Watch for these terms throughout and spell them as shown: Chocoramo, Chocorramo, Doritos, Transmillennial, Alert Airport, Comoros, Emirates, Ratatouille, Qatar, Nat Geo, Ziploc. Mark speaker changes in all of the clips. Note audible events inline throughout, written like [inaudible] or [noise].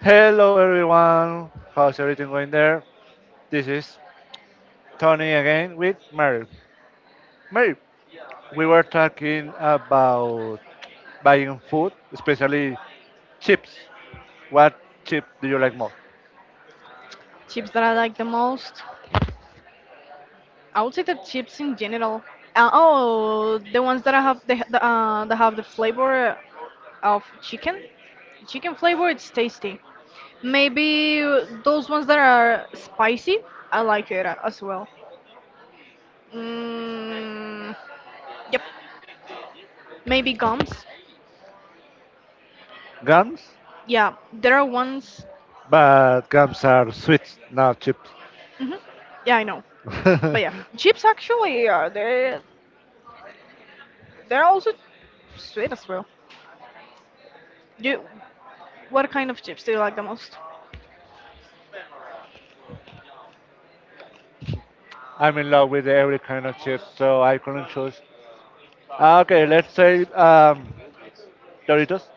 Speaker 1: Hello
Speaker 2: Hello everyone.
Speaker 1: everyone, how's everything going there? This is
Speaker 2: Tony
Speaker 1: Tony
Speaker 2: again.
Speaker 1: again with Mary. Mary, we were talking about buying food, especially chips. What chip do you like more?
Speaker 2: Chips that I like the most. I would say the chips in general. Oh, the ones that I have the that have the flavor of chicken. Chicken flavor, it's tasty. Maybe those ones that are spicy, I like it as well. Mm, yep. Maybe gums.
Speaker 1: Gums?
Speaker 2: Yeah, there are ones.
Speaker 1: But gums are sweets, not chips.
Speaker 2: Hmm, yeah, I know. But yeah,
Speaker 1: [laughs]
Speaker 2: chips actually are there. They're also sweet as well. Do What kind of chips do you like the most?
Speaker 1: I'm in love with every kind of chip, so I couldn't choose. Okay, let's say Doritos.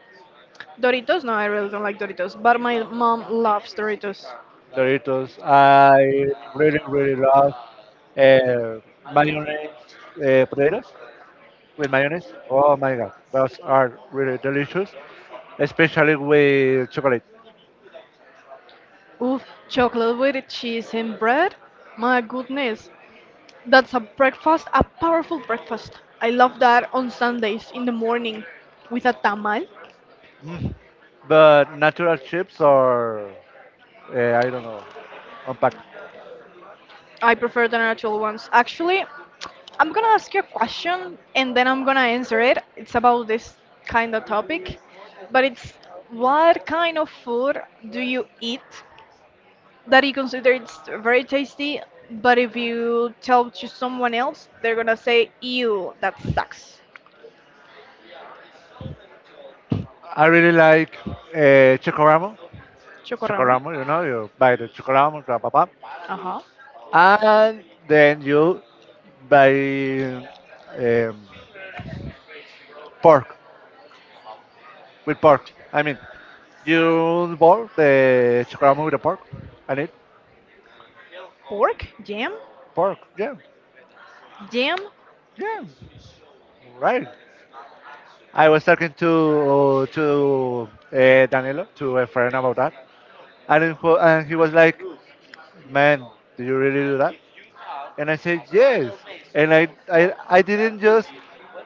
Speaker 2: Doritos? No, I really don't like Doritos, but my mom loves Doritos.
Speaker 1: Doritos, I really, really love uh, mayonnaise potatoes with mayonnaise. Oh my god, those are really delicious, especially with chocolate.
Speaker 2: Oof, chocolate with cheese and bread? My goodness, that's a breakfast, a powerful breakfast. I love that on Sundays in the morning with a tamal.
Speaker 1: Mm. But natural chips are, I don't know, unpacked.
Speaker 2: I prefer the natural ones. Actually, I'm gonna ask you a question and then I'm gonna answer it. It's about this kind of topic, but it's what kind of food do you eat that you consider it's very tasty, but if you tell to someone else, they're gonna say, "Ew, that sucks."
Speaker 1: I really like chocoramo.
Speaker 2: Chocorramo.
Speaker 1: Chocoramo, you buy the chocoramo, blah, blah, blah.
Speaker 2: Uh huh.
Speaker 1: And then you buy um, pork with pork. I mean, you boil the chocoramo with the pork and eat
Speaker 2: Pork? Jam?
Speaker 1: pork. Yeah,
Speaker 2: Jam?
Speaker 1: yeah, right. I was talking to Danilo, to a friend about that, and and he was like, "Man, do you really do that?" And I said, "Yes." And I didn't just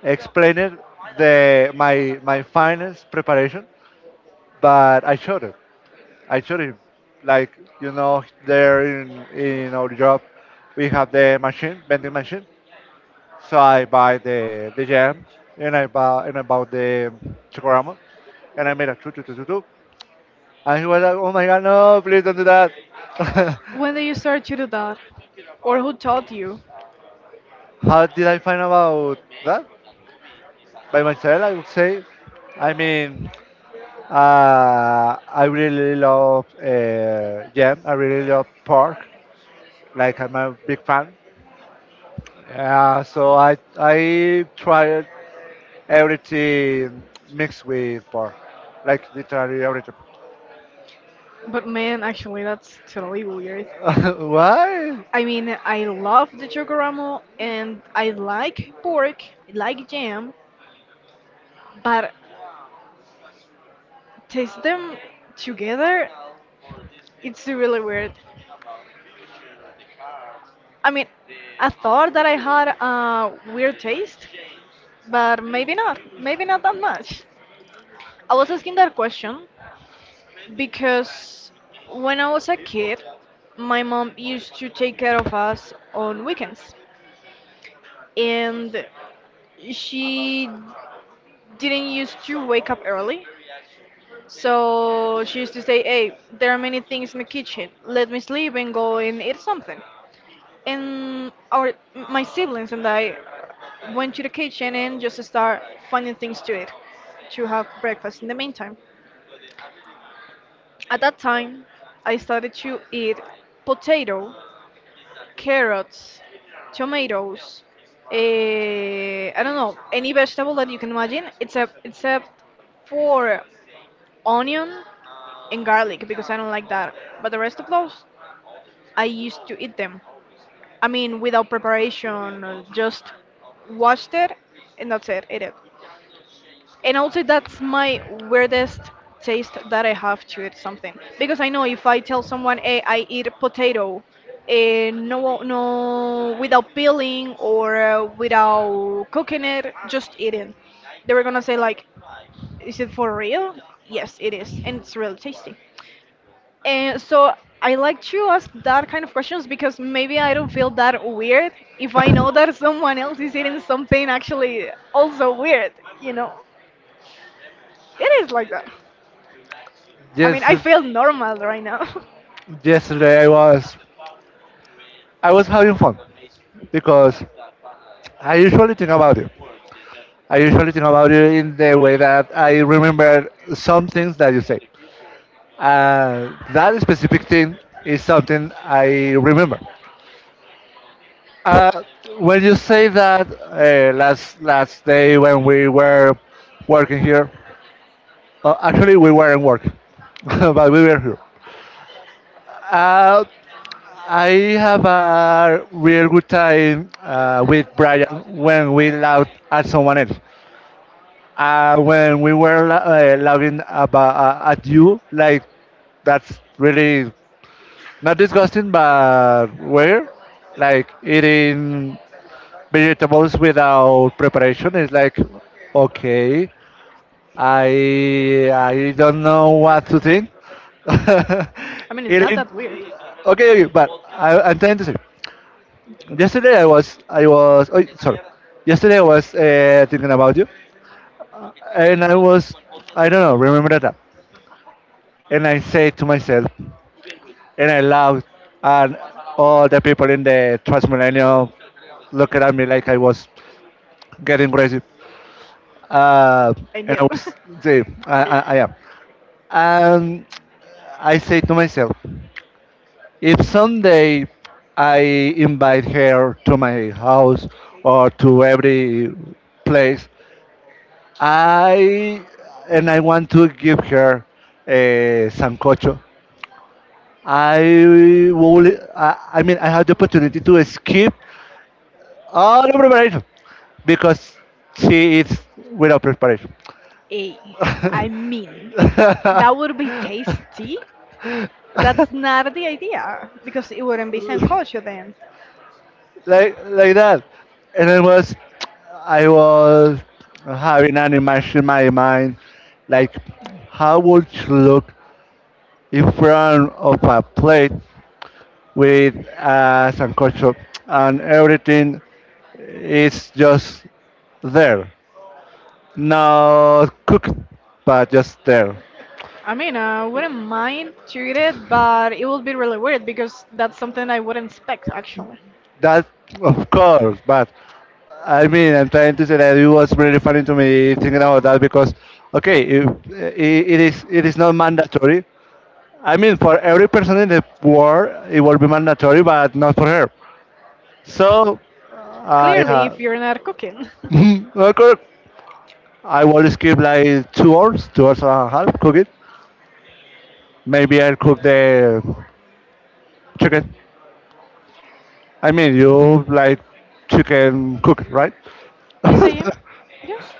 Speaker 1: explain it the my finance preparation, but I showed him. I showed him, like there in our job, we have the machine vending machine, So I buy the jam and I bought the chocorama, and I made a choo choo choo choo choo. And he was like, "Oh my God, no! Please don't do that." [laughs]
Speaker 2: When did you start to do that? Or who taught you?
Speaker 1: How did I find about that? By myself, I would say. I mean, I really love jam. I really love pork. Like I'm a big fan. So I tried everything mixed with pork, like literally everything.
Speaker 2: But man, actually, that's totally weird.
Speaker 1: [laughs] Why?
Speaker 2: I mean, I love the chocoramo and I like pork, I like jam, but taste them together, it's really weird. I mean, I thought that I had a weird taste, but maybe not. Maybe not that much. I was asking that question because when I was a kid, my mom used to take care of us on weekends, and she didn't used to wake up early. So she used to say, "Hey, there are many things in the kitchen. Let me sleep and go and eat something." And our my siblings and I went to the kitchen and just start finding things to eat to have breakfast in the meantime. At that time, I started to eat potato, carrots, tomatoes, I don't know, any vegetable that you can imagine, except for onion and garlic because I don't like that. But the rest of those, I used to eat them. I mean, without preparation, just washed it and that's it, ate it and also that's my weirdest taste that I have to eat something because I know if I tell someone, "Hey, I eat potato," and no, no, without peeling or without cooking it, just eating, they were gonna say like, "Is it for real?" Yes, it is, and it's really tasty. And so I like to ask that kind of questions because maybe I don't feel that weird if I know that [laughs] someone else is eating something actually also weird, you know? It is like that. I mean,
Speaker 1: Yes,
Speaker 2: I feel normal right now.
Speaker 1: yesterday I was having fun because I usually think about you. I usually think about you in the way that I remember some things that you say. That specific thing is something I remember. Uh, when you say that last day when we were working here. Actually, we weren't working, [laughs] but we were here. Uh, I have a real good time with Brian when we laugh at someone else. When we were laughing about at you, like that's really not disgusting, but weird. Like eating vegetables without preparation is like okay. I don't know what to think. [laughs]
Speaker 2: [laughs] I mean, it's not
Speaker 1: Eating
Speaker 2: that weird.
Speaker 1: okay, okay, but I'm trying to say. Yesterday I was oh, sorry. Yesterday I was thinking about you, and I was I don't know remember that, and I say to myself, and I laughed, and all the people in the Transmillennial looked at me like I was getting crazy, uh,
Speaker 2: And
Speaker 1: and
Speaker 2: you.
Speaker 1: I
Speaker 2: [laughs]
Speaker 1: was say I am, and I say to myself, if someday I invite her to my house or to every place I I want to give her a sancocho. I will. I mean, I had the opportunity to skip all the preparation because she eats without preparation,
Speaker 2: Hey,
Speaker 1: [laughs]
Speaker 2: I mean,
Speaker 1: like
Speaker 2: that would be tasty. That's not the idea because it wouldn't be sancocho then.
Speaker 1: like that. And I was having an image in my mind, like how would she look in front of a plate with us and culture, and everything is just there, not cooked, but just there.
Speaker 2: I mean, I wouldn't mind to eat it, but it would be really weird because that's something I wouldn't expect actually.
Speaker 1: That, of course, but I mean, I'm trying to say that it was really funny to me thinking about that because, okay, if, I- it is not mandatory. I mean, for every person in the world, it will be mandatory, but not for her. So, I
Speaker 2: Clearly, if
Speaker 1: have.
Speaker 2: you're not cooking. [laughs]
Speaker 1: [laughs] Correct. I will skip like 2 hours, 2 hours and a half cook it. Maybe I'll cook the chicken. I mean, you like chicken cook, right? [laughs]
Speaker 2: Yes, I am.
Speaker 1: Okay,
Speaker 2: Yes.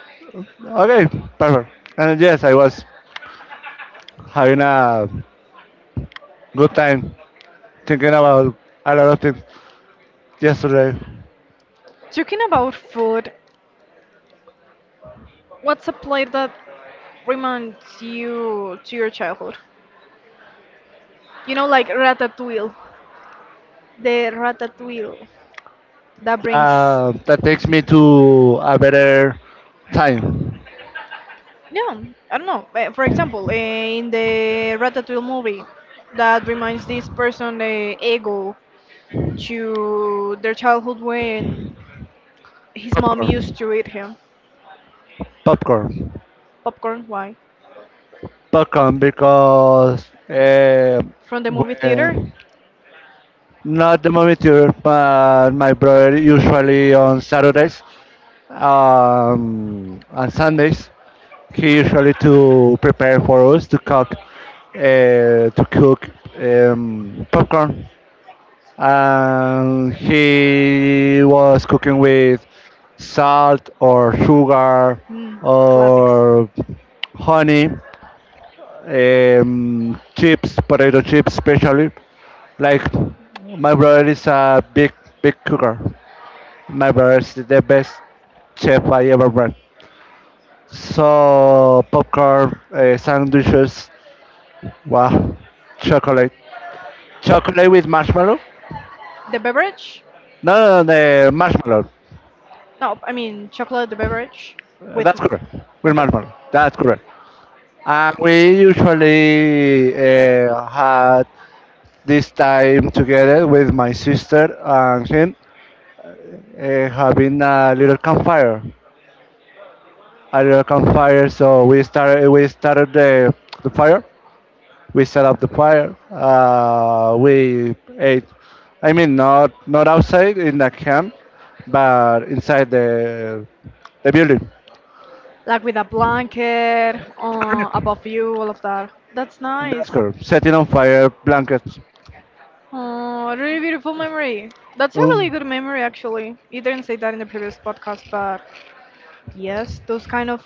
Speaker 1: perfect. And yes, I was having a good time thinking about a lot of things yesterday.
Speaker 2: Talking about food, what's a play that reminds you to your childhood? You know, like Ratatouille. The Ratatouille that brings.
Speaker 1: That takes me to a better time.
Speaker 2: Yeah, I don't know. For example, in the Ratatouille movie, that reminds this person, Ego, to their childhood when his mom used
Speaker 1: Popcorn.
Speaker 2: to eat him.
Speaker 1: Popcorn.
Speaker 2: Popcorn, why?
Speaker 1: Popcorn because
Speaker 2: From the movie theater?
Speaker 1: when not the movie theater, but my brother usually on Saturdays and Sundays. He usually to prepare for us to cook popcorn. And he was cooking with salt or sugar
Speaker 2: Mm, classic.
Speaker 1: or honey chips, potato chips especially. Like my brother is a big cooker. My brother is the best chef I ever met. So popcorn, sandwiches, wow, chocolate, chocolate with marshmallow.
Speaker 2: The beverage?
Speaker 1: No, no, no, marshmallow.
Speaker 2: No, I mean chocolate the beverage with.
Speaker 1: That's
Speaker 2: Okay.
Speaker 1: correct. With marshmallow. That's correct. And we usually had this time together with my sister and him having a little campfire. So we started the fire. We set up the fire. We ate. I mean, not outside in the camp, but inside the building.
Speaker 2: Like with a blanket above you, all of that. That's
Speaker 1: That's
Speaker 2: nice.
Speaker 1: correct. Setting on fire blankets.
Speaker 2: Oh, really beautiful memory. That's a really
Speaker 1: Um,
Speaker 2: good memory, actually. You didn't say that in the previous podcast, but yes, those kind of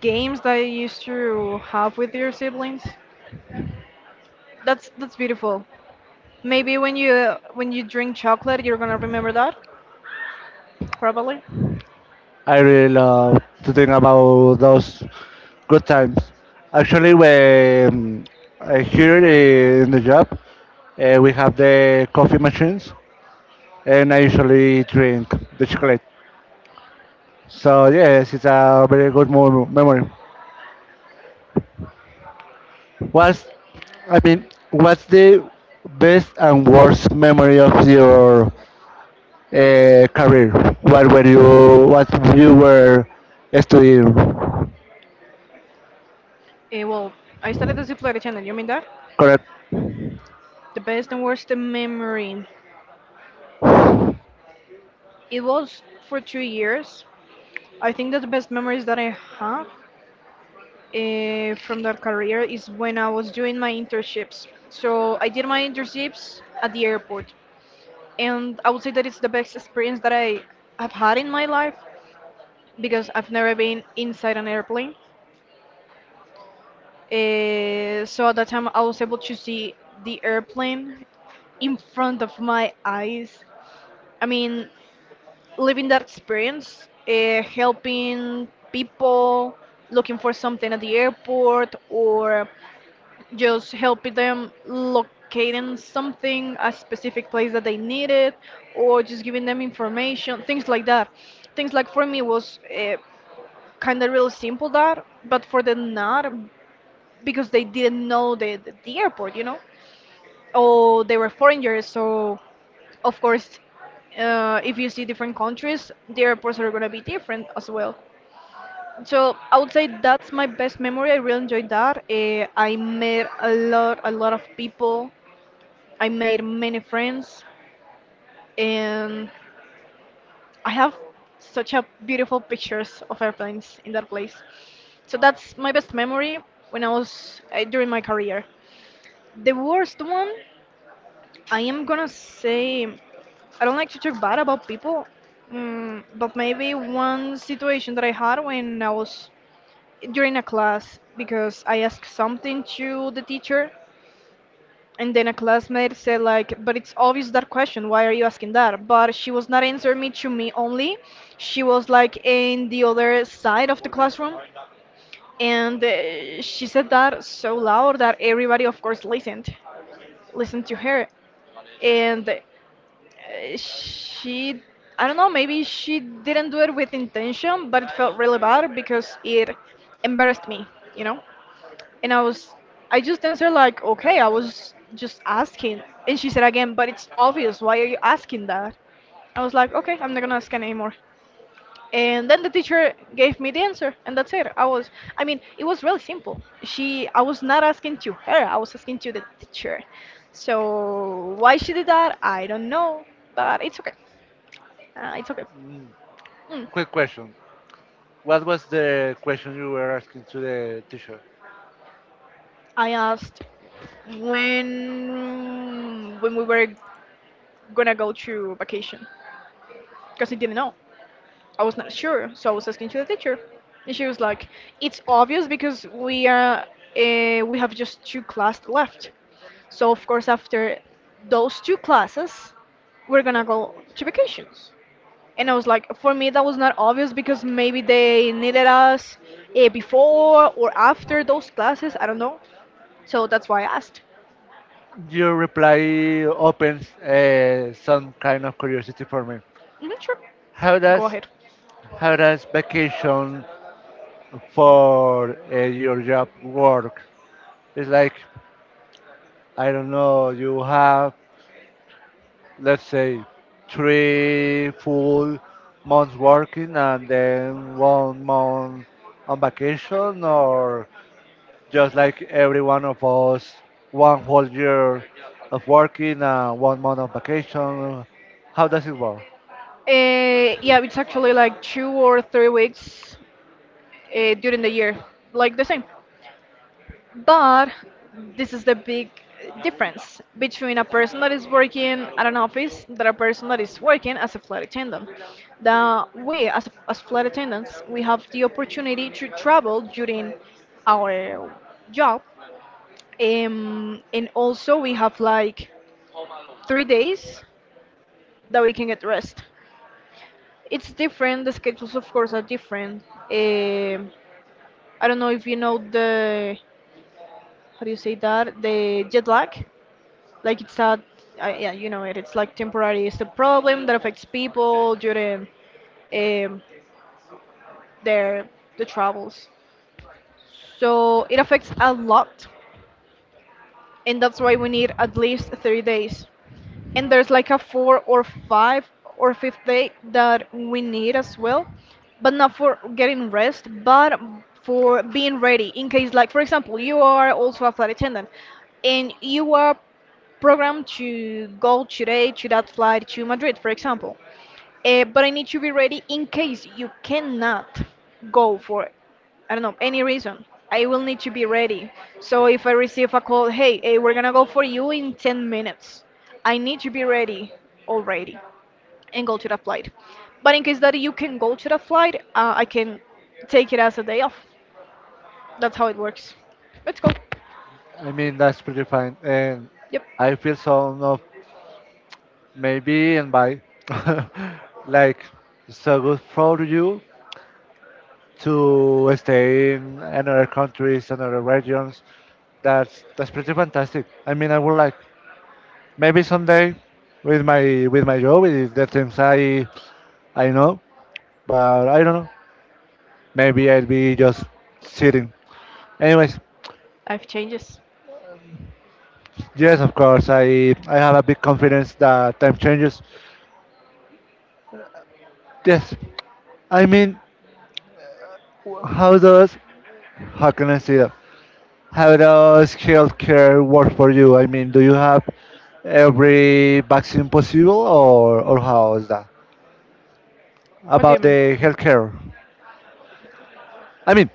Speaker 2: games that you used to have with your siblings. That's beautiful. Maybe when you drink chocolate, you're gonna remember that, probably.
Speaker 1: I really love to think about those good times. Actually, when here in the job, we have the coffee machines, and I usually drink the chocolate. So yes, it's a very good memory. What's, I mean, what's the best and worst memory of your career? What you were studying?
Speaker 2: Eh, well, I started the Ziploc channel. You mean that?
Speaker 1: Correct.
Speaker 2: The best and worst memory. It was for 2 years. I think that the best memories that I have from that career is when I was doing my internships. So I did my internships at the airport, and I would say that it's the best experience that I have had in my life because I've never been inside an airplane. So at that time, I was able to see the airplane in front of my eyes. I mean, living that experience, helping people looking for something at the airport or just helping them locating something, a specific place that they needed, or just giving them information, things like that. Things like for me was kind of real simple that, but for them not because they didn't know the airport, you know? Oh, they were foreigners, so of course, if you see different countries, the airports are gonna be different as well. So I would say that's my best memory. I really enjoyed that. I met a lot of people. I made many friends, and I have such a beautiful pictures of airplanes in that place. So that's my best memory when I was during my career. The worst one, I am gonna say. I don't like to talk bad about people, mm, but maybe one situation that I had when I was during a class because I asked something to the teacher, and then a classmate said like, "But it's obvious that question. Why are you asking that?" But she was not answering me to me only. She was like in the other side of the classroom, and she said that so loud that everybody, of course, listened to her, and. She, I don't know, maybe she didn't do it with intention, but it felt really bad because it embarrassed me, you know, and I just answered like, okay, I was just asking, and she said again, but it's obvious, why are you asking that? I was like, okay, I'm not gonna ask anymore, and then the teacher gave me the answer and that's it. I mean, it was really simple. She I was not asking to her, I was asking to the teacher, so why she did that, I don't know, but it's okay. It's okay. Mm.
Speaker 1: Quick question. What was the question you were asking to the teacher?
Speaker 2: I asked when we were gonna go to vacation because I didn't know. I was not sure, so I was asking to the teacher, and she was like, "It's obvious because we are we have just two classes left. So of course after those two classes, we're gonna go to vacations." And I was like, for me, that was not obvious because maybe they needed us before or after those classes. I don't know. So that's why I asked.
Speaker 1: Your reply opens some kind of curiosity for me.
Speaker 2: Hmm, sure.
Speaker 1: How
Speaker 2: Go
Speaker 1: does
Speaker 2: ahead.
Speaker 1: how does vacation for your job work? It's like I don't know. You have, let's say, 3 full months working and then one month on vacation, or just like every one of us, one whole year of working, one month of vacation. How does it work?
Speaker 2: Yeah, it's actually like 2 or 3 weeks during the year, like the same. But this is the big difference between a person that is working at an office than a person that is working as a flight attendant. That we, as flight attendants, we have the opportunity to travel during our job. And also, we have like 3 days that we can get rest. It's different. The schedules, of course, are different. Um I don't know if you know the how do you say that, the jet lag. Like it's a, yeah, you know it. It's like temporary. It's a problem that affects people during um, their the travels. So it affects a lot, and that's why we need at least 3 days and there's like a four or five or fifth day that we need as well, but not for getting rest but for being ready in case, like, for example, you are also a flight attendant and you are programmed to go today to that flight to Madrid, for example, but I need to be ready in case you cannot go for, I don't know, any reason. I will need to be ready. So if I receive a call, hey, we're gonna go for you in 10 minutes, I need to be ready already and go to the flight. But in case that you can go to the flight, I can take it as a day off. That's how it works. Let's go.
Speaker 1: I mean, that's pretty fine. And
Speaker 2: Yep.
Speaker 1: I feel so of maybe and by [laughs] like so good for you to stay in another countries, another regions. That's pretty fantastic. I mean, I would like maybe someday with my job, with the things I know, but I don't know. Maybe I'll be just sitting. Anyways,
Speaker 2: Life changes.
Speaker 1: yes, of course, I have a big confidence that time changes. Yes, I mean, w- how does how can I say that? How does healthcare work for you? I mean, do you have every vaccine possible, or how is that
Speaker 2: What do you
Speaker 1: about
Speaker 2: mean?
Speaker 1: the healthcare? I mean,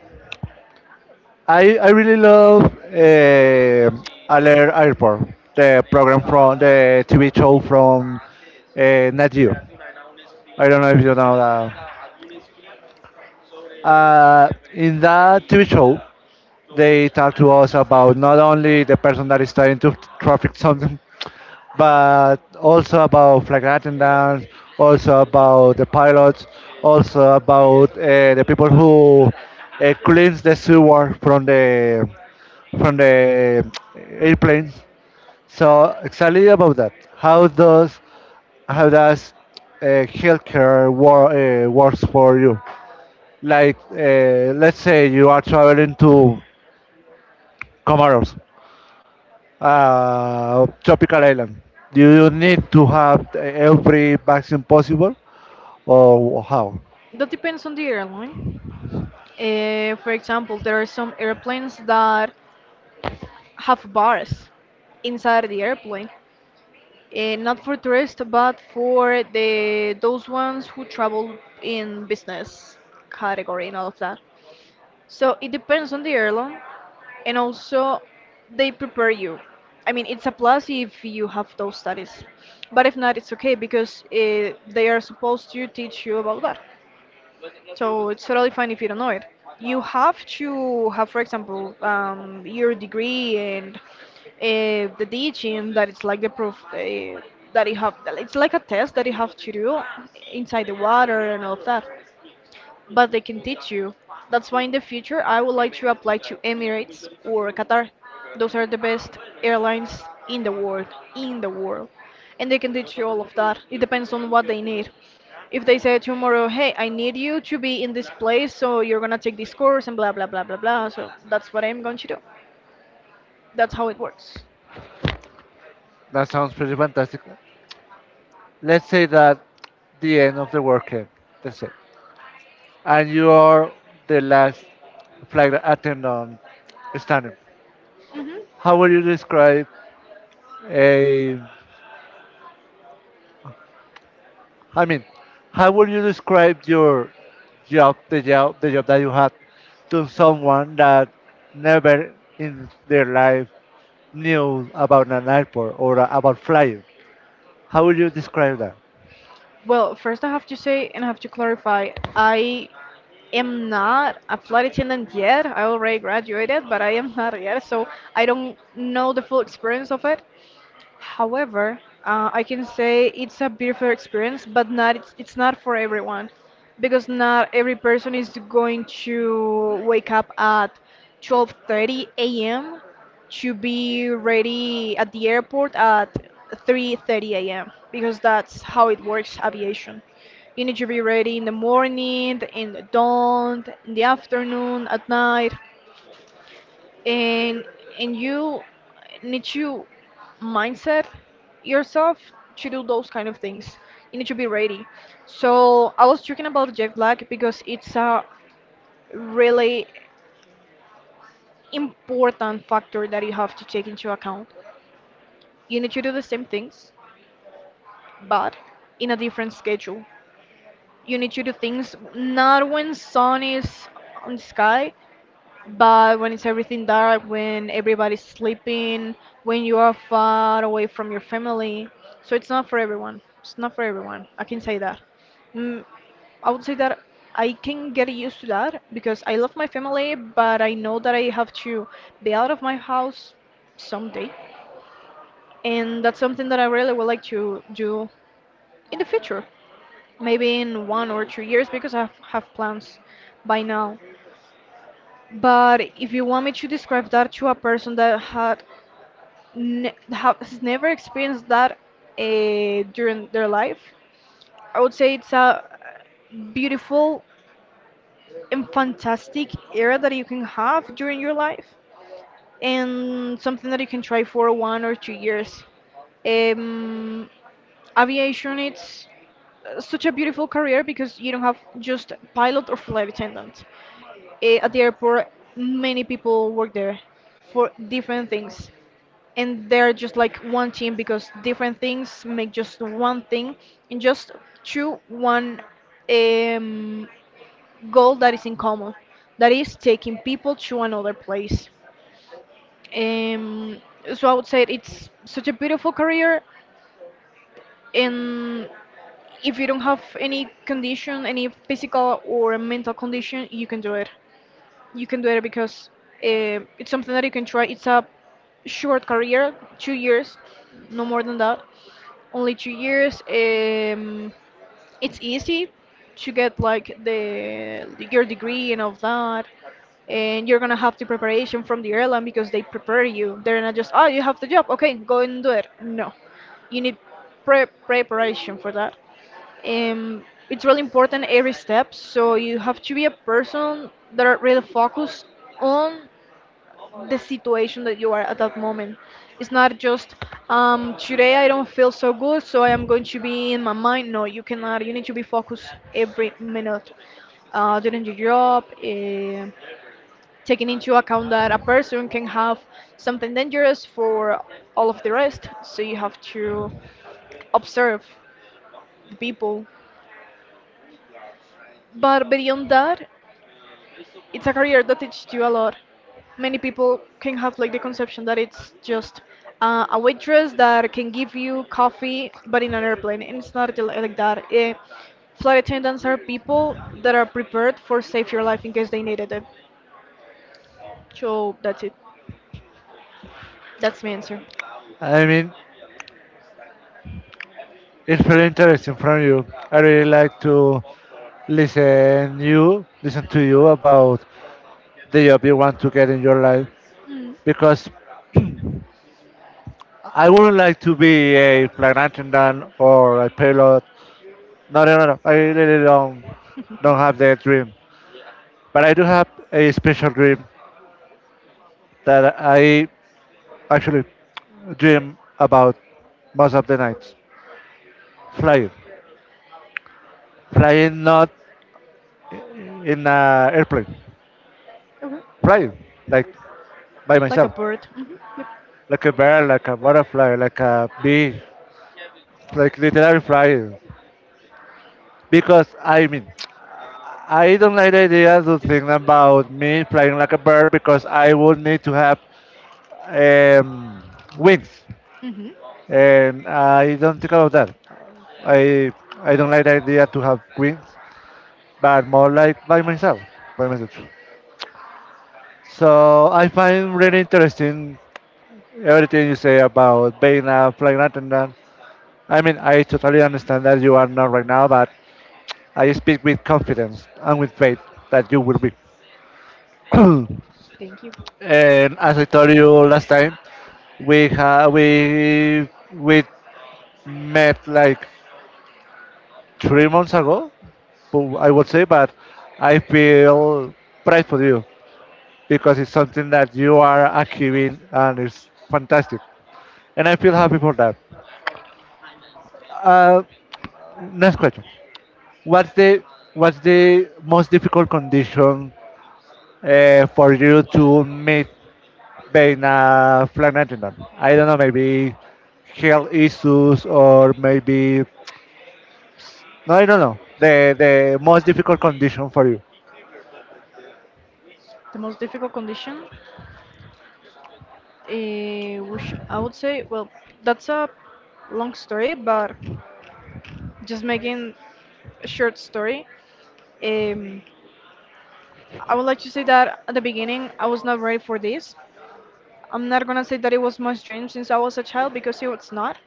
Speaker 1: I really love Alert Airport, the program from the TV show from Nat Geo. I don't know if you know that. In that TV show, they talk to us about not only the person that is trying to traffic something, but also about flag and dance, also about the pilots, also about the people who cleans the sewer from the from the airplanes. So exactly about that. How does healthcare works for you? Like let's say you are traveling to Comoros, tropical island? Do you need to have every vaccine possible, or how?
Speaker 2: That depends on the airline. For example, there are some airplanes that have bars inside the airplane, not for tourists, but for the those ones who travel in business category and all of that. So it depends on the airline, and also they prepare you. I mean, it's a plus if you have those studies, but if not, it's okay because they are supposed to teach you about that. So it's totally fine if you don't know it. You have to have, for example, your degree and the teaching that it's like the proof that you have. It's like a test that you have to do inside the water and all of that, but they can teach you. That's why in the future I would like to apply to Emirates or Qatar. Those are the best airlines in the world, in the world. And they can teach you all of that. It depends on what they need. If they say tomorrow, hey, I need you to be in this place, so you're gonna take this course and blah blah blah blah blah. So that's what I'm going to do. That's how it works.
Speaker 1: That sounds pretty fantastic. Let's say that the end of the world came. That's it. And you are the last flight attendant standing.
Speaker 2: Hmm.
Speaker 1: How would you describe a? I mean, how would you describe your job, the job that you had, to someone that never in their life knew about an airport or about flying? How would you describe that?
Speaker 2: Well, first I have to say and I have to clarify, I am not a flight attendant yet. I already graduated, but I am not yet, so I don't know the full experience of it. However, I can say it's a beautiful experience, but not it's, it's not for everyone, because not every person is going to wake up at 12:30 a.m. to be ready at the airport at 3:30 a.m. because that's how it works aviation. You need to be ready in the morning, in the dawn, in the afternoon, at night, and you need to mindset yourself to do those kind of things. You need to be ready. So I was talking about jet lag because it's a really important factor that you have to take into account. You need to do the same things, but in a different schedule. You need to do things not when sun is on the sky, but when it's everything dark, when everybody's sleeping, when you are far away from your family, so it's not for everyone. It's not for everyone. I can say that. Mm, I would say that I can get used to that because I love my family, but I know that I have to be out of my house someday. And that's something that I really would like to do in the future. Maybe in 1 or 2 years because I have plans by now. But if you want me to describe that to a person that had ne has never experienced that during their life, I would say it's a beautiful and fantastic era that you can have during your life, and something that you can try for 1 or 2 years. Um, Aviation, it's such a beautiful career because you don't have just pilot or flight attendant at the airport. Many people work there for different things, and they're just like one team because different things make just one thing and just through one um, goal that is in common, that is taking people to another place. um, so I would say it's such a beautiful career, and if you don't have any condition, any physical or mental condition, you can do it. You can do it because it's something that you can try. It's a short career, 2 years, no more than that. Only 2 years. It's easy to get like the your degree and all that, and you're gonna have the preparation from the airline because they prepare you. They're not just, oh, you have the job, okay, go and do it. No, you need preparation for that. um, it's really important every step. So you have to be a person that are really focused on the situation that you are at that moment. It's not just, today I don't feel so good, so I am going to be in my mind. No, you cannot. You need to be focused every minute during your job. Taking into account that a person can have something dangerous for all of the rest, so you have to observe the people. But beyond that, it's a career that teaches you a lot. Many people can have like the conception that it's just a waitress that can give you coffee, but in an airplane, and it's not like that. Eh, flight attendants are people that are prepared for save your life in case they needed it. So that's it. That's my answer.
Speaker 1: I mean, it's very interesting from you. I really like to listen you, listen to you about the job you want to get in your life,
Speaker 2: Mm,
Speaker 1: because I wouldn't like to be a flight attendant or a pilot. No, no, no, no. I really don't have that dream, but I do have a special dream that I actually dream about most of the nights. Flying. Flying not in a airplane,
Speaker 2: okay.
Speaker 1: flying like by
Speaker 2: Like a
Speaker 1: myself,
Speaker 2: bird. Hmm. Yep.
Speaker 1: like a bird, like a butterfly, like a bee, like literally flying. Because I mean, I don't like the idea to think about me flying like a bird because I would need to have um, wings,
Speaker 2: Hmm.
Speaker 1: and I don't think about that. I I don't like the idea to have wings, but more like by myself, by myself. So I find really interesting everything you say about being a flagrant, and I mean, I totally understand that you are not right now, but I speak with confidence and with faith that you will be.
Speaker 2: Thank you.
Speaker 1: And as I told you last time, we ha- we met like 3 months ago, I would say, but I feel pride for you because it's something that you are achieving and it's fantastic, and I feel happy for that. Uh, next question. What's the what's the most difficult condition for you to meet being a flagrantinant? I don't know, maybe health issues or maybe no, I don't know. The most difficult condition for you.
Speaker 2: The most difficult condition, which I would say, well, that's a long story, but just making a short story, um, I would like to say that at the beginning I was not ready for this. I'm not gonna say that it was my dream since I was a child because it was not.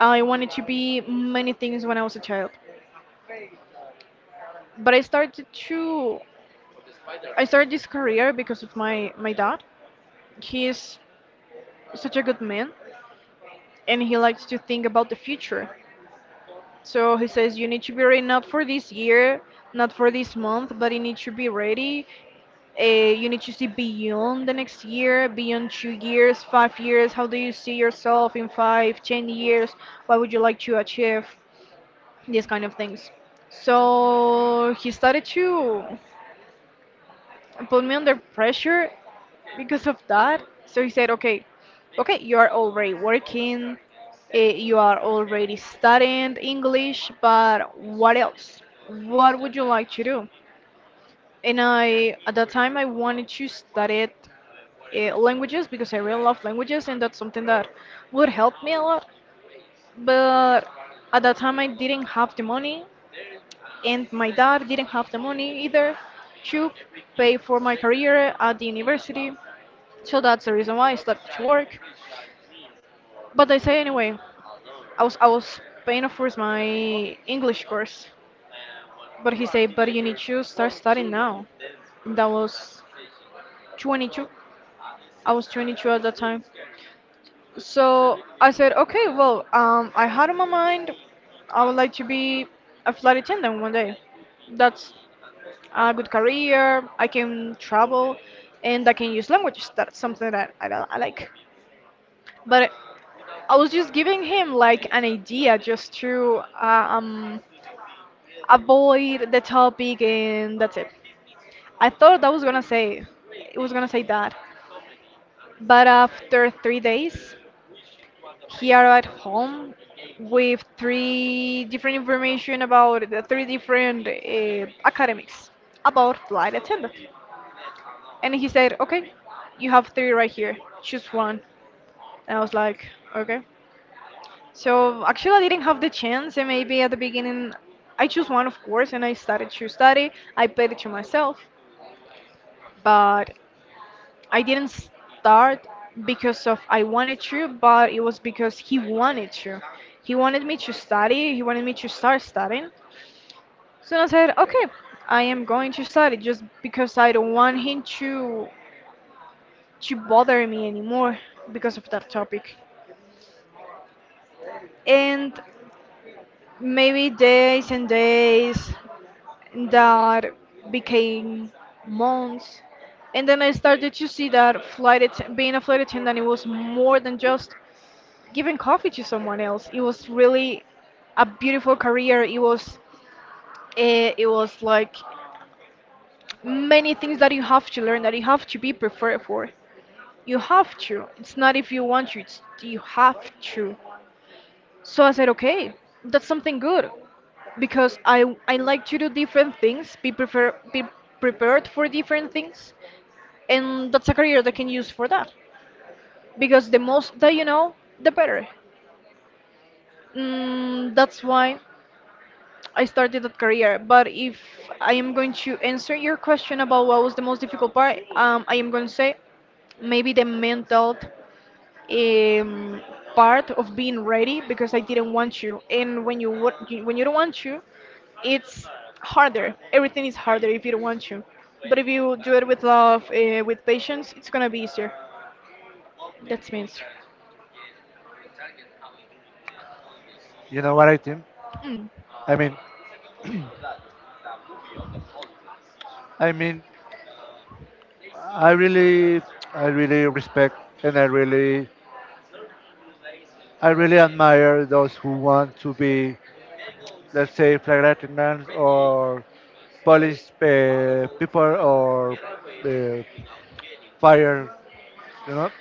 Speaker 2: I wanted to be many things when I was a child, but I started this career because of my dad. He is such a good man, and he likes to think about the future. So he says you need to be ready not for this year, not for this month, but you need to be ready. Uh, you need to see beyond the next year, beyond 2 years, 5 years. How do you see yourself in five, 10 years? What would you like to achieve? These kind of things. So he started to put me under pressure because of that. So he said, okay, okay, you are already working, you are already studying English, but what else, what would you like to do? And I, at that time, I wanted to study languages because I really love languages, and that's something that would help me a lot. But at that time I didn't have the money, and my dad didn't have the money either to pay for my career at the university. So that's the reason why I started to work. But I say, anyway, I was paying, of course, my English course, but he said, but you need to start studying now. That was 22. I was 22 at that time. So I said, okay, well, I had on my mind I would like to be a flight attendant one day. That's a good career. I can travel, and I can use languages. That's something that I like. But I was just giving him like an idea just to avoid the topic, and that's it. I thought I was gonna say it was gonna say that, but after 3 days here at home with three different information about the three different academics about flight attendant, and he said, okay, you have three right here, choose one, and I was like, okay. So actually, I didn't have the chance, and maybe at the beginning, I choose one, of course, and I started to study. I paid it to myself, but I didn't start because of I wanted to, but it was because he wanted to. He wanted me to study, he wanted me to start studying. So I said, okay, I am going to study just because I don't want him to bother me anymore because of that topic. And maybe days and days that became months. And then I started to see that being a flight attendant, it was more than just giving coffee to someone else. It was really a beautiful career. It was like many things that you have to learn, that you have to be prepared for. You have to. It's not if you want to. It's you have to. So I said, okay, that's something good because I like to do different things. Be prepared for different things, and that's a career that I can use for that because the most that you know, the better. That's why I started that career. But if I am going to answer your question about what was the most difficult part, I am going to say maybe the mental um, part of being ready because I didn't want to. And when when you don't want to, it's harder. Everything is harder if you don't want to. But if you do it with love, with patience, it's gonna be easier. That's my answer.
Speaker 1: You know what I think?
Speaker 2: Mm.
Speaker 1: I mean, I mean, I really, I really respect, and I really admire those who want to be, let's say, flag lieutenants or Polish people or uh, fire, you know.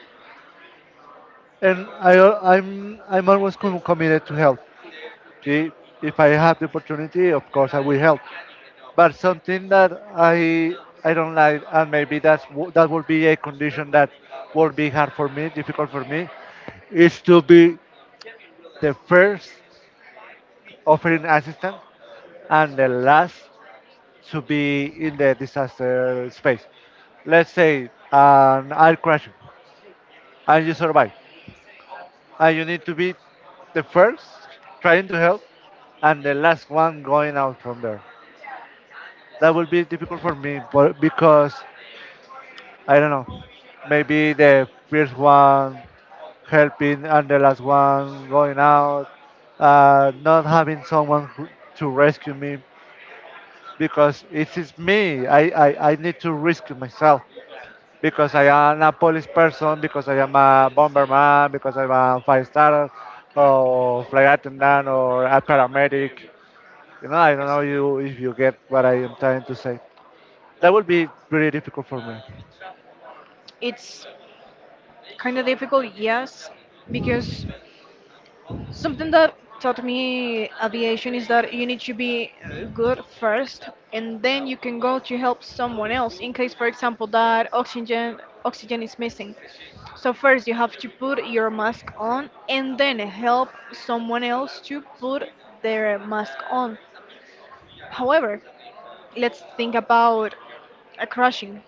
Speaker 1: And I'm always committed to help. See, if I have the opportunity, of course I will help. But something that I don't like, and maybe that would be a condition that would be hard for me, difficult for me, is to be the first offering assistance and the last to be in the disaster space. Let's say an air crash, and you survive. And you need to be the first trying to help and the last one going out from there. That will be difficult for me, but because I don't know. Maybe the first one helping and the last one going out, not having someone to rescue me, because it is me. I need to rescue myself because I am a police person, because I am a bomberman, because I am a five star or flight attendant or a paramedic. You know, I don't know you if you get what I am trying to say. That would be pretty difficult for me.
Speaker 2: It's kind of difficult, yes, because something that taught me aviation is that you need to be good first, and then you can go to help someone else in case, for example, that oxygen is missing. So first you have to put your mask on, and then help someone else to put their mask on. However, let's think about a crashing.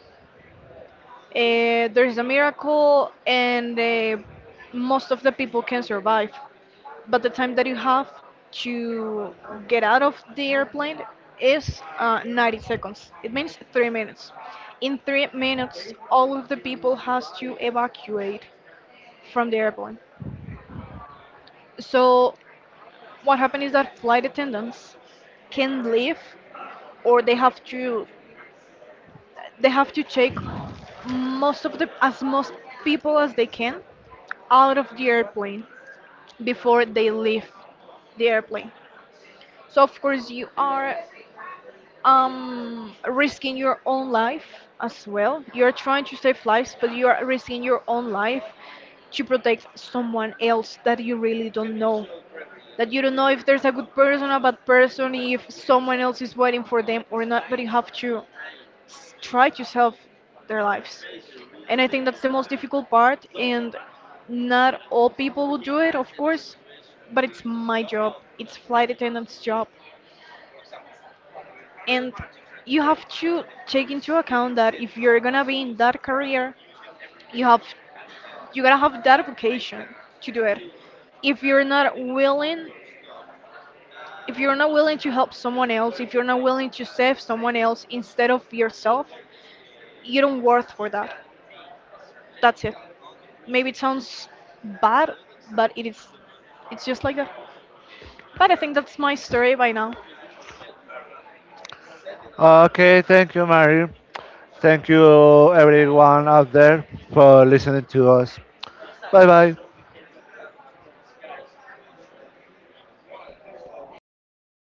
Speaker 2: There's a miracle, and most of the people can survive, but the time that you have to get out of the airplane is 90 seconds. It means 3 minutes. In 3 minutes, all of the people has to evacuate from the airplane. So what happened is that flight attendants can leave, or they have to take most of the as most people as they can out of the airplane before they leave the airplane. So of course you are risking your own life. As well, you're trying to save lives, but you are risking your own life to protect someone else that you really don't know, that you don't know if there's a good person, a bad person, if someone else is waiting for them or not, but you have to try to save their lives. And I think that's the most difficult part. And not all people will do it, of course, but it's my job. It's flight attendant's job. And you have to take into account that if you're gonna be in that career, you have you gotta have that vocation to do it. if you're not willing if you're not willing to help someone else, if you're not willing to save someone else instead of yourself, you don't worth for that. That's it. Maybe it sounds bad, but it is. It's just like that. But I think that's my story by now.
Speaker 1: Okay, thank you, Mary. Thank you, everyone out there, for listening to us. Bye bye.